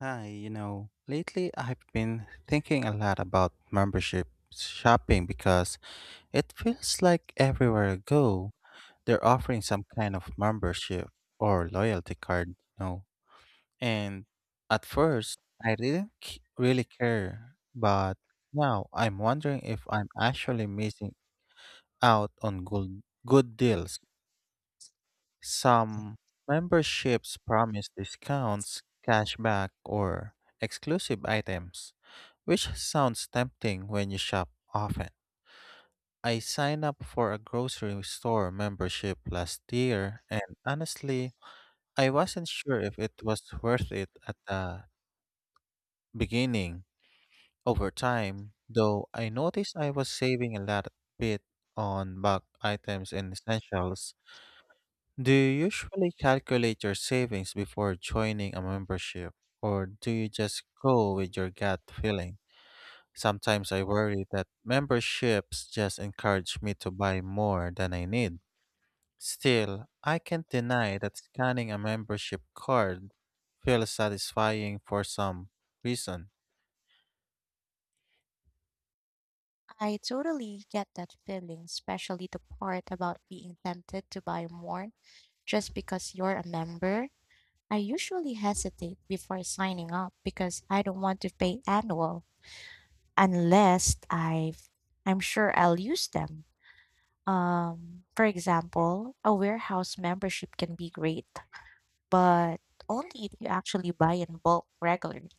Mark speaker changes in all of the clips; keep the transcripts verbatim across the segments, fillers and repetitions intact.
Speaker 1: Hi, you know, lately I've been thinking a lot about membership shopping because it feels like everywhere I go, they're offering some kind of membership or loyalty card, you know. And at first, I didn't c- really care, but now I'm wondering if I'm actually missing out on good good deals. Some memberships promise discounts, cashback, or exclusive items, which sounds tempting when you shop often. I signed up for a grocery store membership last year, and honestly, I wasn't sure if it was worth it at the beginning. Over time, though, I noticed I was saving a lot bit on bulk items and essentials. Do you usually calculate your savings before joining a membership, or do you just go with your gut feeling? Sometimes I worry that memberships just encourage me to buy more than I need. Still, I can't deny that scanning a membership card feels satisfying for some reason.
Speaker 2: I totally get that feeling, especially the part about being tempted to buy more just because you're a member. I usually hesitate before signing up because I don't want to pay annual unless I've I'm sure I'll use them. Um, for example, a warehouse membership can be great, but only if you actually buy in bulk regularly.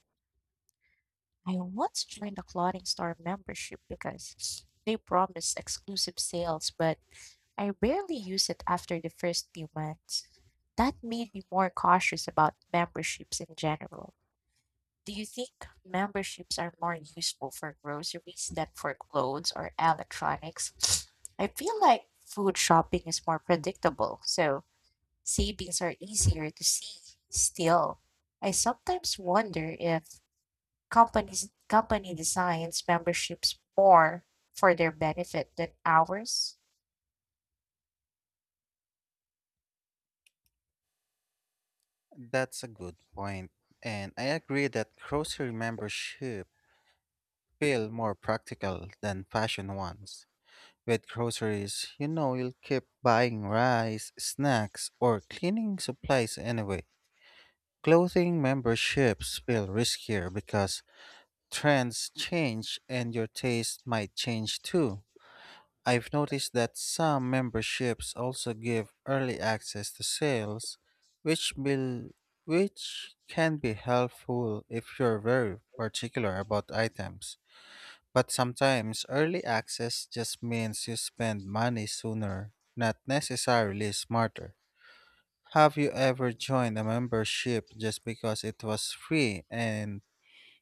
Speaker 2: I once joined a clothing store membership because they promised exclusive sales, but I rarely use it after the first few months. That made me more cautious about memberships in general. Do you think memberships are more useful for groceries than for clothes or electronics? I feel like food shopping is more predictable, so savings are easier to see. Still, I sometimes wonder if companies company designs memberships more for their benefit than ours.
Speaker 1: That's a good point, and I agree that grocery membership feel more practical than fashion ones. With groceries, you know you'll keep buying rice, snacks, or cleaning supplies anyway. Clothing memberships feel riskier because trends change and your taste might change too. I've noticed that some memberships also give early access to sales, which will which can be helpful if you're very particular about items. But sometimes early access just means you spend money sooner, not necessarily smarter. Have you ever joined a membership just because it was free and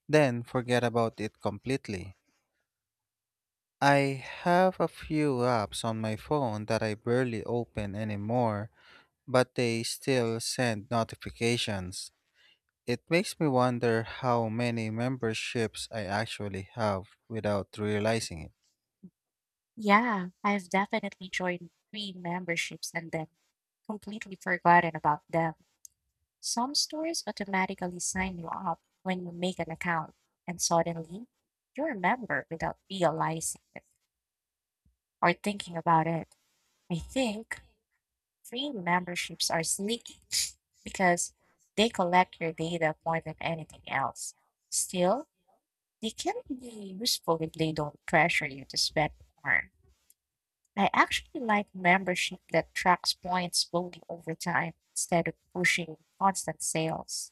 Speaker 1: then forget about it completely? I have a few apps on my phone that I barely open anymore, but they still send notifications. It makes me wonder how many memberships I actually have without realizing it.
Speaker 2: Yeah, I've definitely joined free memberships and then completely forgotten about them. Some stores automatically sign you up when you make an account, and suddenly you're a member without realizing it or thinking about it. I think free memberships are sneaky because they collect your data more than anything else. Still, they can be useful if they don't pressure you to spend more. I actually like membership that tracks points slowly over time instead of pushing constant sales.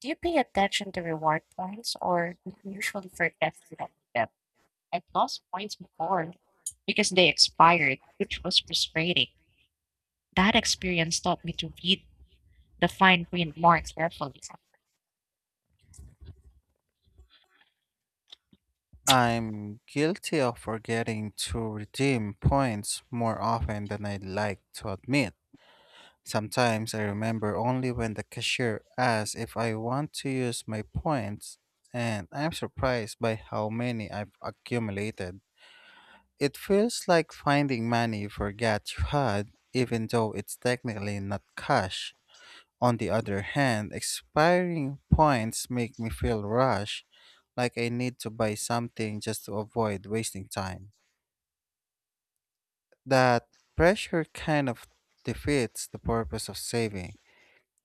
Speaker 2: Do you pay attention to reward points or do you usually forget that them? I lost points before because they expired, which was frustrating. That experience taught me to read the fine print more carefully.
Speaker 1: I'm guilty of forgetting to redeem points more often than I'd like to admit. Sometimes I remember only when the cashier asks if I want to use my points, and I'm surprised by how many I've accumulated. It feels like finding money you forgot you had, even though it's technically not cash. On the other hand, expiring points make me feel rushed, like I need to buy something just to avoid wasting time. That pressure kind of defeats the purpose of saving.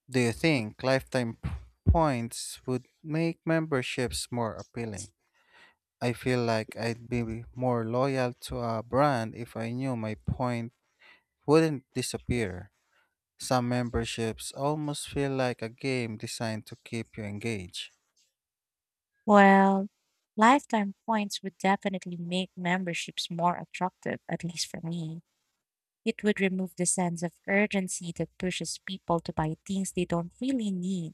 Speaker 1: Do you think lifetime p- points would make memberships more appealing? I feel like I'd be more loyal to a brand if I knew my point wouldn't disappear. Some memberships almost feel like a game designed to keep you engaged.
Speaker 2: Well, lifetime points would definitely make memberships more attractive, at least for me. It would remove the sense of urgency that pushes people to buy things they don't really need.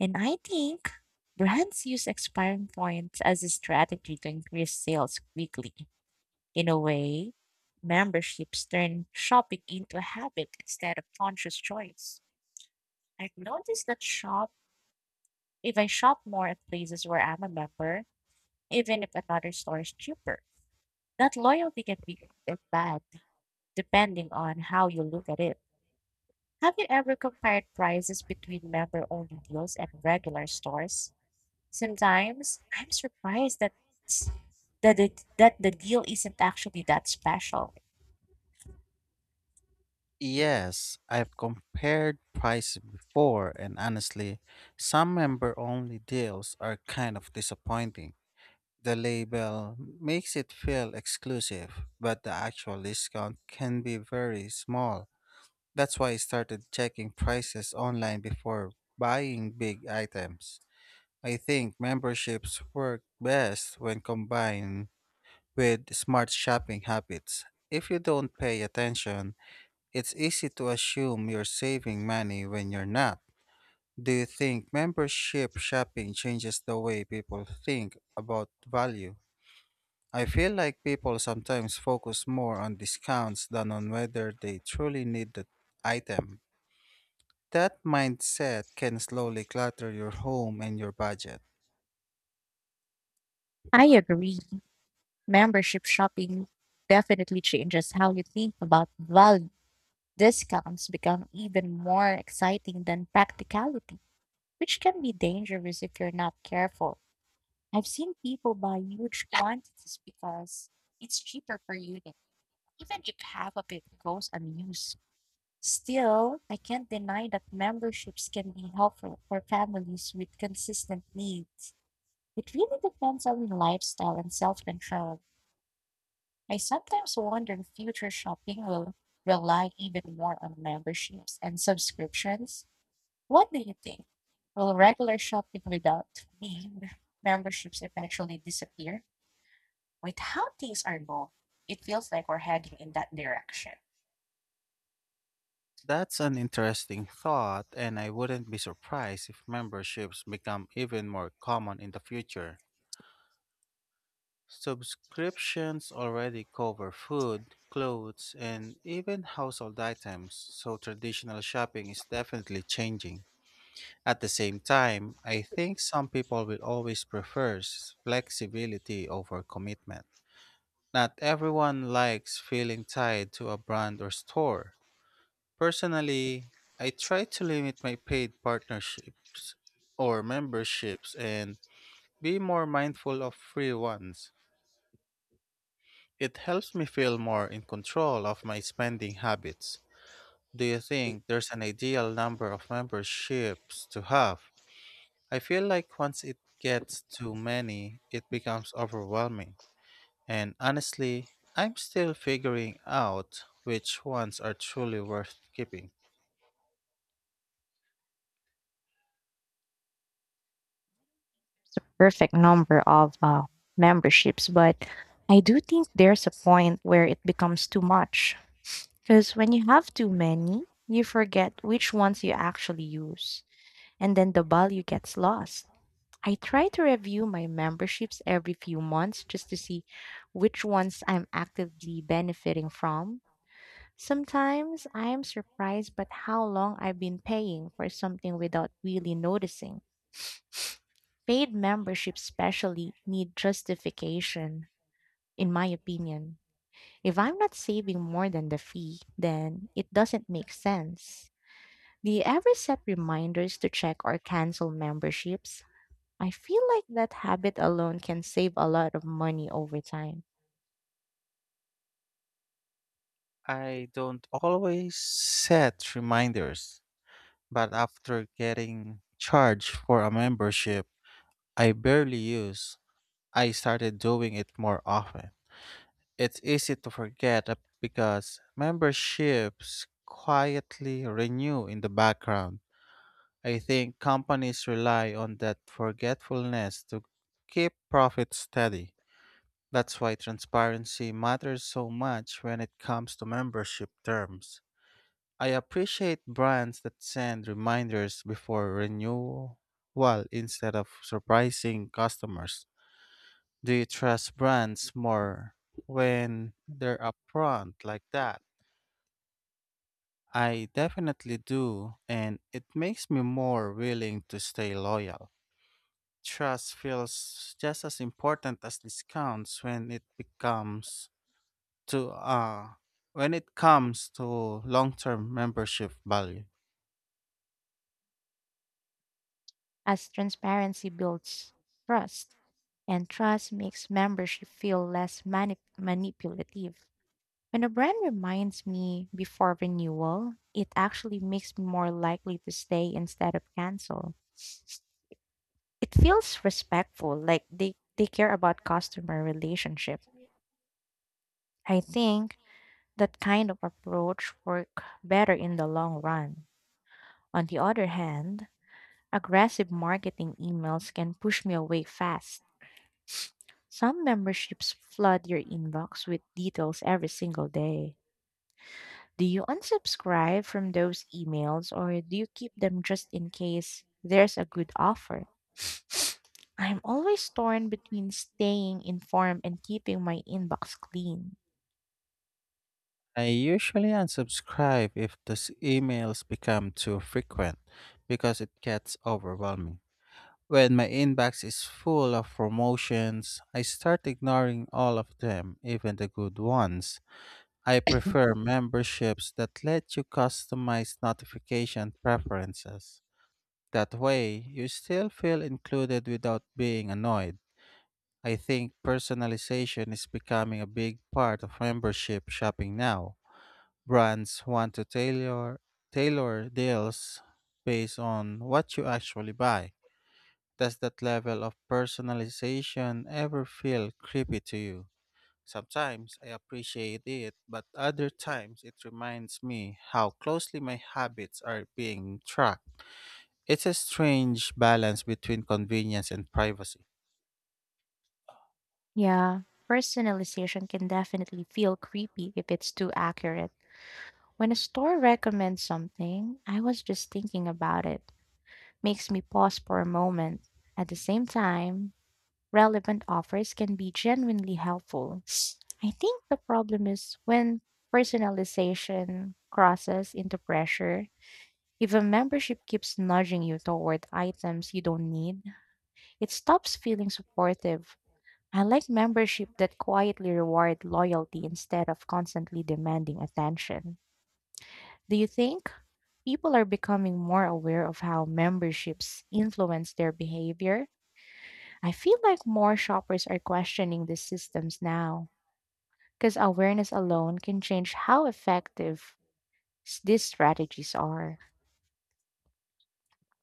Speaker 2: And I think brands use expiring points as a strategy to increase sales quickly. In a way, memberships turn shopping into a habit instead of conscious choice. I've noticed that shop if I shop more at places where I'm a member, even if another store is cheaper. That loyalty can be good or bad depending on how you look at it. Have you ever compared prices between member-only deals and regular stores? Sometimes I'm surprised that s- that it, that the deal isn't actually that special.
Speaker 1: Yes, I've compared prices before, and honestly, some member only deals are kind of disappointing. The label makes it feel exclusive, but the actual discount can be very small. That's why I started checking prices online before buying big items. I think memberships work best when combined with smart shopping habits. If you don't pay attention, it's easy to assume you're saving money when you're not. Do you think membership shopping changes the way people think about value? I feel like people sometimes focus more on discounts than on whether they truly need the item. That mindset can slowly clutter your home and your budget.
Speaker 2: I agree. Membership shopping definitely changes how you think about value. Discounts become even more exciting than practicality, which can be dangerous if you're not careful. I've seen people buy huge quantities because it's cheaper per unit. Even if half of it goes unused, still, I can't deny that memberships can be helpful for families with consistent needs. It really depends on lifestyle and self control. I sometimes wonder if future shopping will rely even more on memberships and subscriptions. What do you think? Will regular shopping without mem- memberships eventually disappear? With how things are going, it feels like we're heading in that direction.
Speaker 1: That's an interesting thought, and I wouldn't be surprised if memberships become even more common in the future. Subscriptions already cover food, clothes, and even household items, so traditional shopping is definitely changing. At the same time, I think some people will always prefer s- flexibility over commitment. Not everyone likes feeling tied to a brand or store. Personally, I try to limit my paid partnerships or memberships and be more mindful of free ones. It helps me feel more in control of my spending habits. Do you think there's an ideal number of memberships to have? I feel like once it gets too many, it becomes overwhelming. And honestly, I'm still figuring out which ones are truly worth keeping.
Speaker 2: Perfect number of uh, memberships, but I do think there's a point where it becomes too much. Because when you have too many, you forget which ones you actually use, and then the value gets lost. I try to review my memberships every few months just to see which ones I'm actively benefiting from. Sometimes I am surprised by how long I've been paying for something without really noticing. Paid membership especially need justification, in my opinion. If I'm not saving more than the fee, then it doesn't make sense. Do you ever set reminders to check or cancel memberships? I feel like that habit alone can save a lot of money over time,
Speaker 1: I don't always set reminders, but after getting charged for a membership I barely use, I started doing it more often. It's easy to forget ab- because memberships quietly renew in the background. I think companies rely on that forgetfulness to keep profits steady. That's why transparency matters so much when it comes to membership terms. I appreciate brands that send reminders before renewal instead of surprising customers. Do you trust brands more when they're upfront like that? I definitely do, and it makes me more willing to stay loyal. Trust feels just as important as discounts when it becomes to uh when it comes to long-term membership value.
Speaker 2: as transparency builds trust, and trust makes membership feel less manip- manipulative. When a brand reminds me before renewal, it actually makes me more likely to stay instead of cancel. It feels respectful, like they, they care about customer relationship. I think that kind of approach work better in the long run. On the other hand, aggressive marketing emails can push me away fast. Some memberships flood your inbox with details every single day. Do you unsubscribe from those emails or do you keep them just in case there's a good offer? I'm always torn between staying informed and keeping my inbox clean.
Speaker 1: I usually unsubscribe if those emails become too frequent because it gets overwhelming. When my inbox is full of promotions, I start ignoring all of them, even the good ones. I prefer memberships that let you customize notification preferences. That way, you still feel included without being annoyed. I think personalization is becoming a big part of membership shopping now. Brands want to tailor tailor deals based on what you actually buy. Does that level of personalization ever feel creepy to you? Sometimes I appreciate it, but other times it reminds me how closely my habits are being tracked. It's a strange balance between convenience and privacy.
Speaker 2: Yeah, personalization can definitely feel creepy if it's too accurate. When a store recommends something, I was just thinking about it. Makes me pause for a moment. At the same time, relevant offers can be genuinely helpful. I think the problem is when personalization crosses into pressure. If a membership keeps nudging you toward items you don't need, it stops feeling supportive. I like membership that quietly reward loyalty instead of constantly demanding attention. Do you think people are becoming more aware of how memberships influence their behavior? I feel like more shoppers are questioning these systems now, because awareness alone can change how effective s- these strategies are.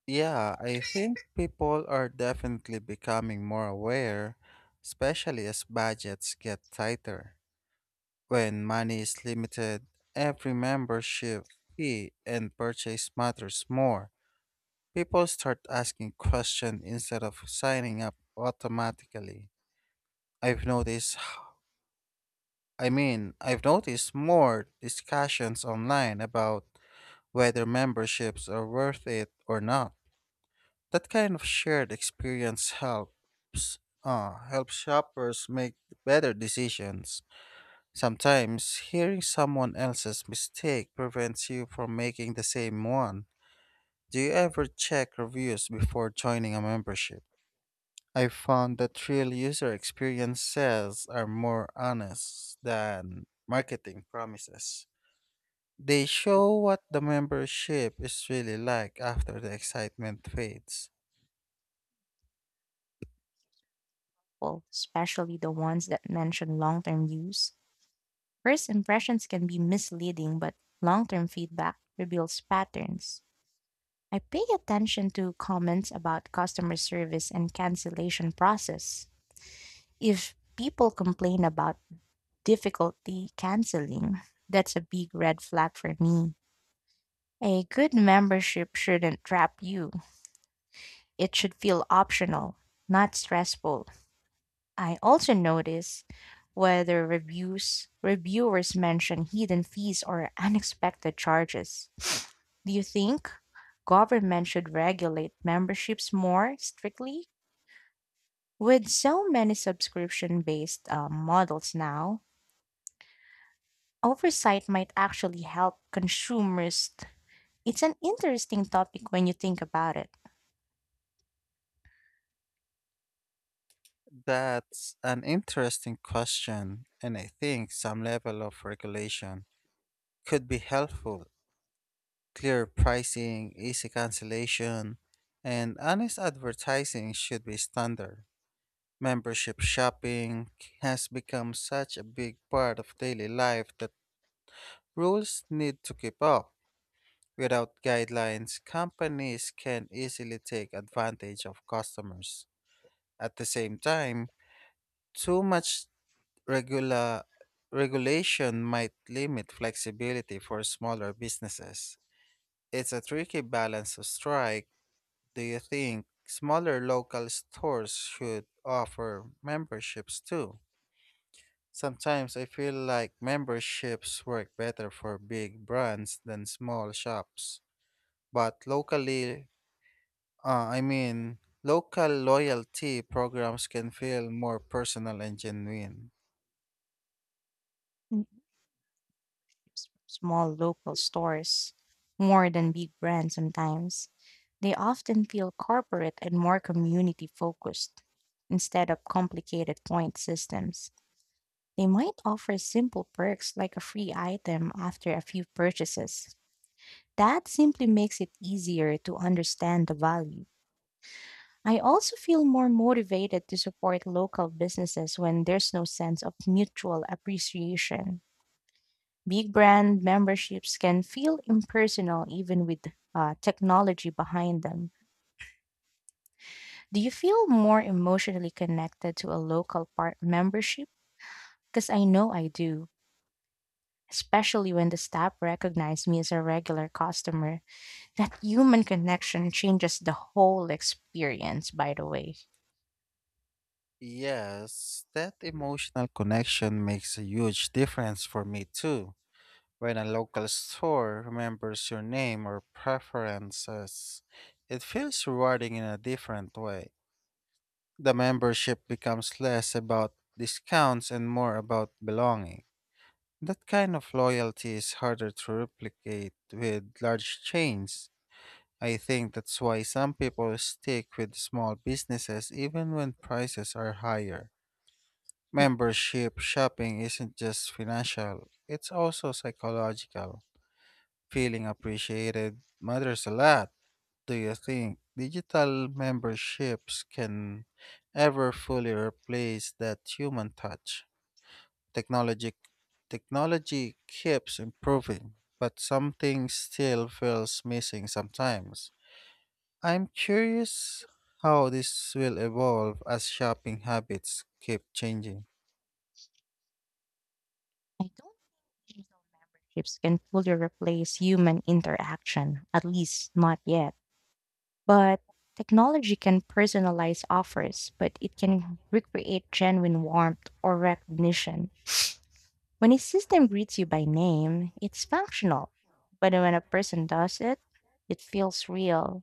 Speaker 1: Yeah, I think people are definitely becoming more aware, especially as budgets get tighter. When money is limited, every membership fee and purchase matters more. People start asking questions instead of signing up automatically. I've noticed, I mean, I've noticed more discussions online about whether memberships are worth it or not. That kind of shared experience helps uh, helps shoppers make better decisions. Sometimes hearing someone else's mistake prevents you from making the same one. Do you ever check reviews before joining a membership? I found that real user experiences are more honest than marketing promises. They show what the membership is really like after the excitement fades.
Speaker 2: Well, especially the ones that mention long term use. First impressions can be misleading, but long term feedback reveals patterns. I pay attention to comments about customer service and cancellation process. If people complain about difficulty canceling, that's a big red flag for me. A good membership shouldn't trap you. It should feel optional, not stressful. I also notice whether reviews reviewers mention hidden fees or unexpected charges. Do you think government should regulate memberships more strictly? With so many subscription based models now, oversight might actually help consumers. It's an interesting topic when you think about it.
Speaker 1: That's an interesting question, and I think some level of regulation could be helpful. Clear pricing, easy cancellation, and honest advertising should be standard. Membership shopping has become such a big part of daily life that rules need to keep up. Without guidelines, companies can easily take advantage of customers. At the same time, too much regula- regulation might limit flexibility for smaller businesses. It's a tricky balance to strike. Do you think smaller local stores should offer memberships too? Sometimes I feel like memberships work better for big brands than small shops. But locally, uh, I mean, local loyalty programs can feel more personal and genuine.
Speaker 2: S- small local stores more than big brands sometimes. They often feel corporate and more community focused instead of complicated point systems. They might offer simple perks like a free item after a few purchases. That simply makes it easier to understand the value. I also feel more motivated to support local businesses when there's no sense of mutual appreciation. Big brand memberships can feel impersonal even with uh, technology behind them. Do you feel more emotionally connected to a local part membership? Because I know I do, especially when the staff recognize me as a regular customer. That human connection changes the whole experience, by the way.
Speaker 1: Yes, that emotional connection makes a huge difference for me too. When a local store remembers your name or preferences, it feels rewarding in a different way. The membership becomes less about discounts and more about belonging. That kind of loyalty is harder to replicate with large chains. I think that's why some people stick with small businesses even when prices are higher. Membership shopping isn't just financial, it's also psychological. Feeling appreciated matters a lot. Do you think digital memberships can ever fully replace that human touch? Technology technology keeps improving, but something still feels missing sometimes. I'm curious how this will evolve as shopping habits keep changing.
Speaker 2: I don't think digital memberships can fully replace human interaction, at least not yet. But technology can personalize offers, but it can recreate genuine warmth or recognition. When a system greets you by name, it's functional. But when a person does it, it feels real.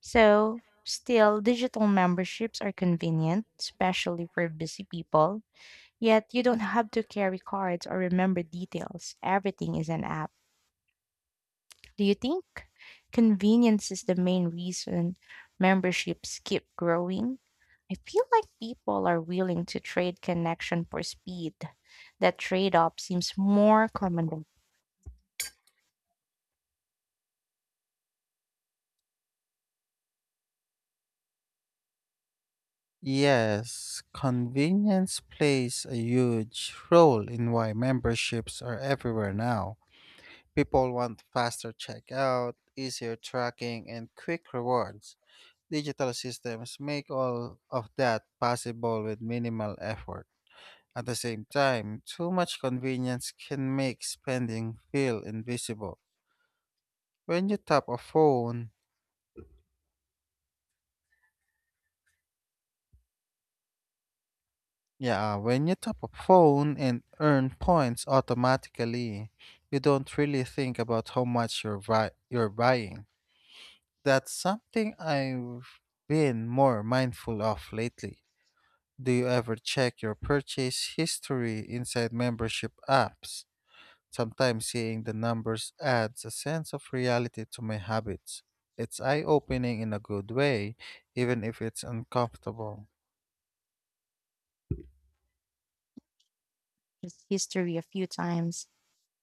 Speaker 2: So, still, digital memberships are convenient, especially for busy people. Yet, you don't have to carry cards or remember details. Everything is an app. Do you think convenience is the main reason memberships keep growing? I feel like people are willing to trade connection for speed. That trade off seems more common than
Speaker 1: Yes, convenience plays a huge role in why memberships are everywhere now. People want faster checkout, easier tracking, and quick rewards. Digital systems make all of that possible with minimal effort. At the same time, too much convenience can make spending feel invisible. When you tap a phone, yeah, when you tap a phone and earn points automatically, you don't really think about how much you're, buy- you're buying. That's something I've been more mindful of lately. Do you ever check your purchase history inside membership apps? Sometimes seeing the numbers adds a sense of reality to my habits. It's eye opening in a good way, even if it's uncomfortable.
Speaker 2: just history a few times.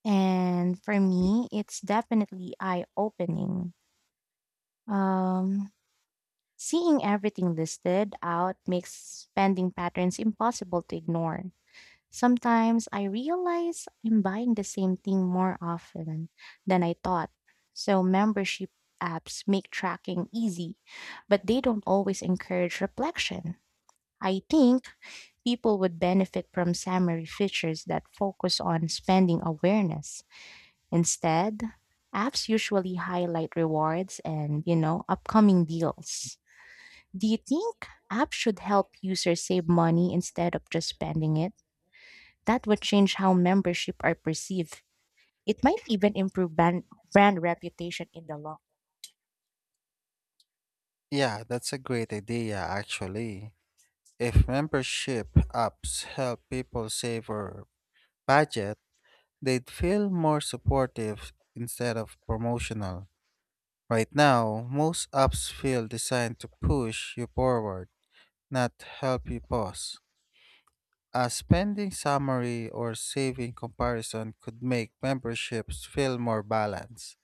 Speaker 2: And for me, it's definitely eye opening. Um, seeing everything listed out makes spending patterns impossible to ignore. Sometimes I realize I'm buying the same thing more often than I thought. So, membership apps make tracking easy, but they don't always encourage reflection. I think people would benefit from summary features that focus on spending awareness. Instead, apps usually highlight rewards and, you know, upcoming deals. Do you think apps should help users save money instead of just spending it? That would change how membership are perceived. It might even improve brand, brand reputation in the long.
Speaker 1: Yeah, that's a great idea, actually. If membership apps help people save or budget, they'd feel more supportive instead of promotional. Right now, most apps feel designed to push you forward not help you pause. A spending summary or saving comparison could make memberships feel more balanced.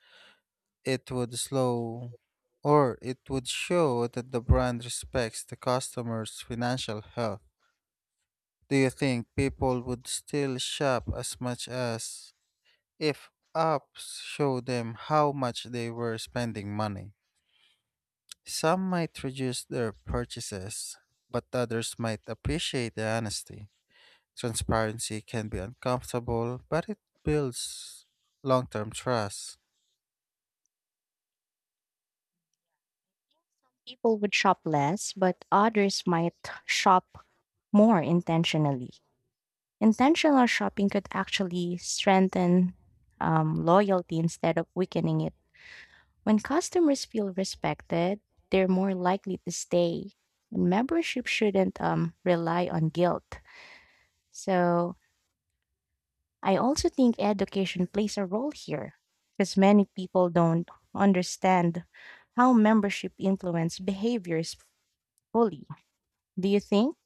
Speaker 1: It would slow or it would show that the brand respects the customer's financial health. Do you think people would still shop as much as if apps show them how much they were spending money? Some might reduce their purchases, but others might appreciate the honesty. Transparency can be uncomfortable, but it builds long term trust.
Speaker 2: People would shop less, but others might shop more intentionally. Intentional shopping could actually strengthen um, loyalty instead of weakening it. When customers feel respected, they're more likely to stay. And membership shouldn't um, rely on guilt. So I also think education plays a role here because many people don't understand how membership influence behaviors fully. Do you think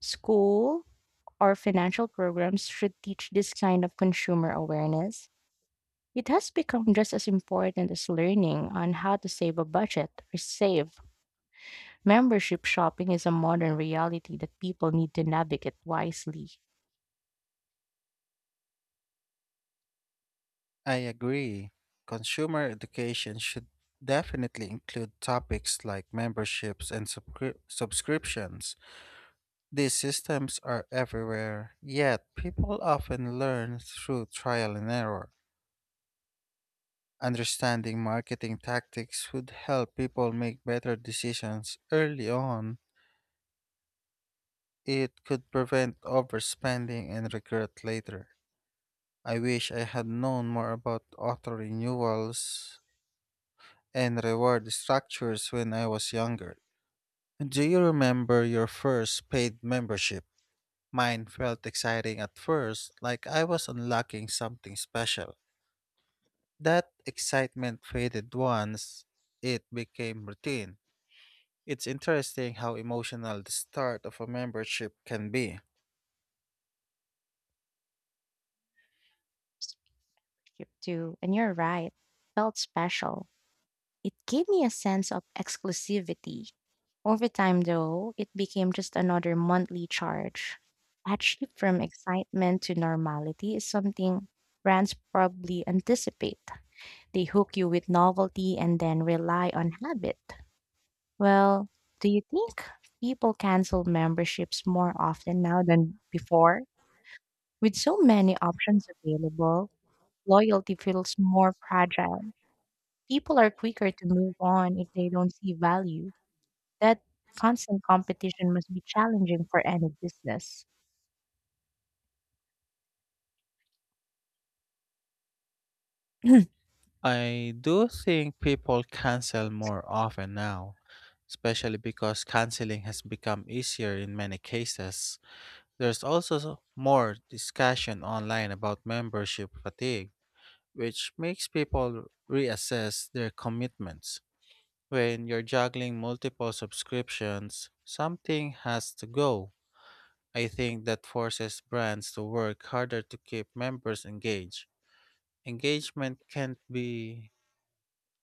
Speaker 2: school or financial programs should teach this kind of consumer awareness? It has become just as important as learning on how to save a budget or save. Membership shopping is a modern reality that people need to navigate wisely.
Speaker 1: I agree. Consumer education should definitely include topics like memberships and subscri- subscriptions. These systems are everywhere, yet, people often learn through trial and error. Understanding marketing tactics would help people make better decisions early on. It could prevent overspending and regret later. I wish I had known more about auto renewals and reward structures when I was younger. Do you remember your first paid membership? Mine felt exciting at first, like I was unlocking something special. That excitement faded once it became routine. It's interesting how emotional the start of a membership can be.
Speaker 2: Too. And you're right, felt special. It gave me a sense of exclusivity. Over time, though, it became just another monthly charge. That shift from excitement to normality is something brands probably anticipate. They hook you with novelty and then rely on habit. Well, do you think people cancel memberships more often now than before? With so many options available, loyalty feels more fragile. People are quicker to move on if they don't see value. That constant competition must be challenging for any business.
Speaker 1: I do think people cancel more often now, especially because canceling has become easier in many cases. There's also s- more discussion online about membership fatigue, which makes people reassess their commitments. When you're juggling multiple subscriptions, something has to go. I think that forces brands to work harder to keep members engaged. Engagement can't be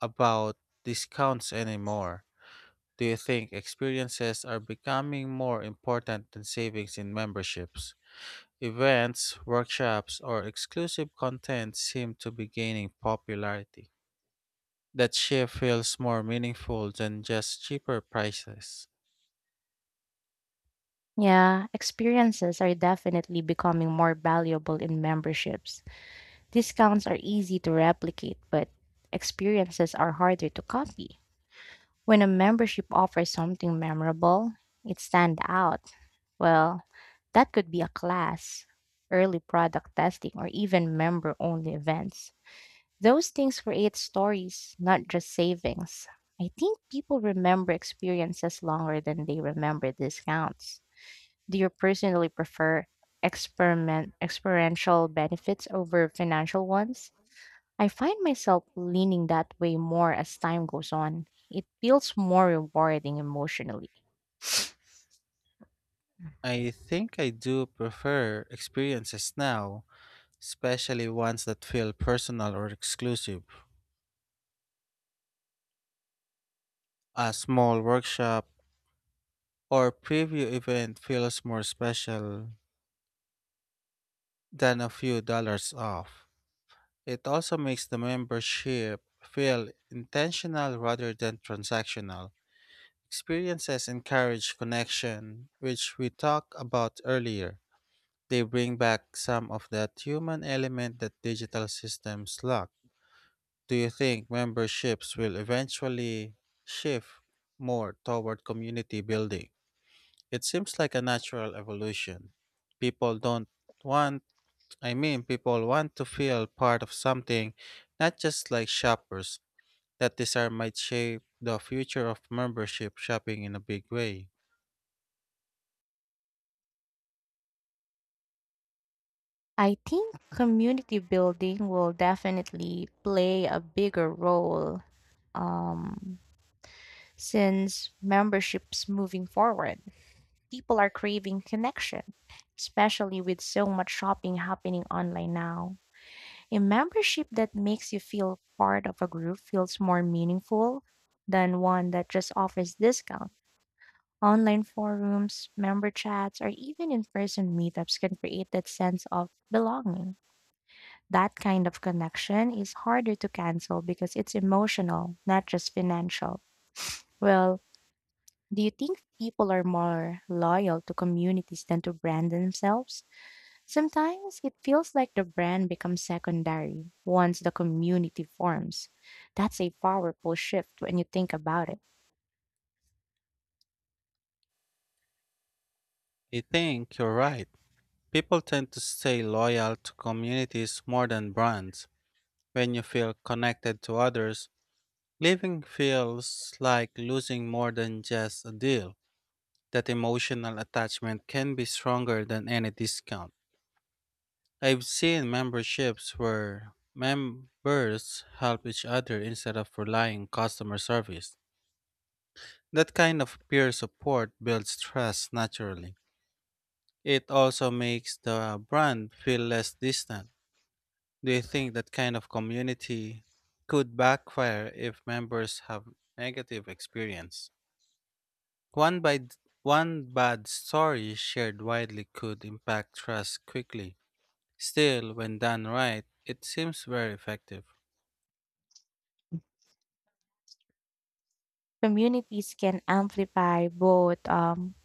Speaker 1: about discounts anymore. Do you think experiences are becoming more important than savings in memberships? Events, workshops, or exclusive content seem to be gaining popularity. That shift feels more meaningful than just cheaper prices.
Speaker 2: Yeah, experiences are definitely becoming more valuable in memberships. Discounts are easy to replicate, but experiences are harder to copy. When a membership offers something memorable, it stands out. Well, that could be a class, early product testing, or even member only events. Those things create stories, not just savings. I think people remember experiences longer than they remember discounts. Do you personally prefer experiment experiential benefits over financial ones? I find myself leaning that way more as time goes on. It feels more rewarding emotionally.
Speaker 1: I think I do prefer experiences now, especially ones that feel personal or exclusive. A small workshop or preview event feels more special than a few dollars off. It also makes the membership feel intentional rather than transactional. Experiences encourage connection, which we talked about earlier. They bring back some of that human element that digital systems lack. Do you think memberships will eventually shift more toward community building? It seems like a natural evolution. People don't want I mean, People want to feel part of something, not just like shoppers. That desire might shape the future of membership shopping in a big way.
Speaker 2: I think community building will definitely play a bigger role um, since memberships moving forward. People are craving connection, especially with so much shopping happening online now. A membership that makes you feel part of a group feels more meaningful than one that just offers discount. Online forums, member chats, or even in person meetups can create that sense of belonging. That kind of connection is harder to cancel because it's emotional, not just financial. Well, do you think people are more loyal to communities than to brand themselves? Sometimes it feels like the brand becomes secondary once the community forms. That's a powerful shift when you think about it.
Speaker 1: I think you're right. People tend to stay loyal to communities more than brands. When you feel connected to others, leaving feels like losing more than just a deal. That emotional attachment can be stronger than any discount. I've seen memberships where members help each other instead of relying on customer service. That kind of peer support builds trust naturally. It also makes the brand feel less distant. Do you think that kind of community could backfire if members have negative experience? One by one bad story shared widely could impact trust quickly. Still, when done right, it seems very effective.
Speaker 2: Communities can amplify both um,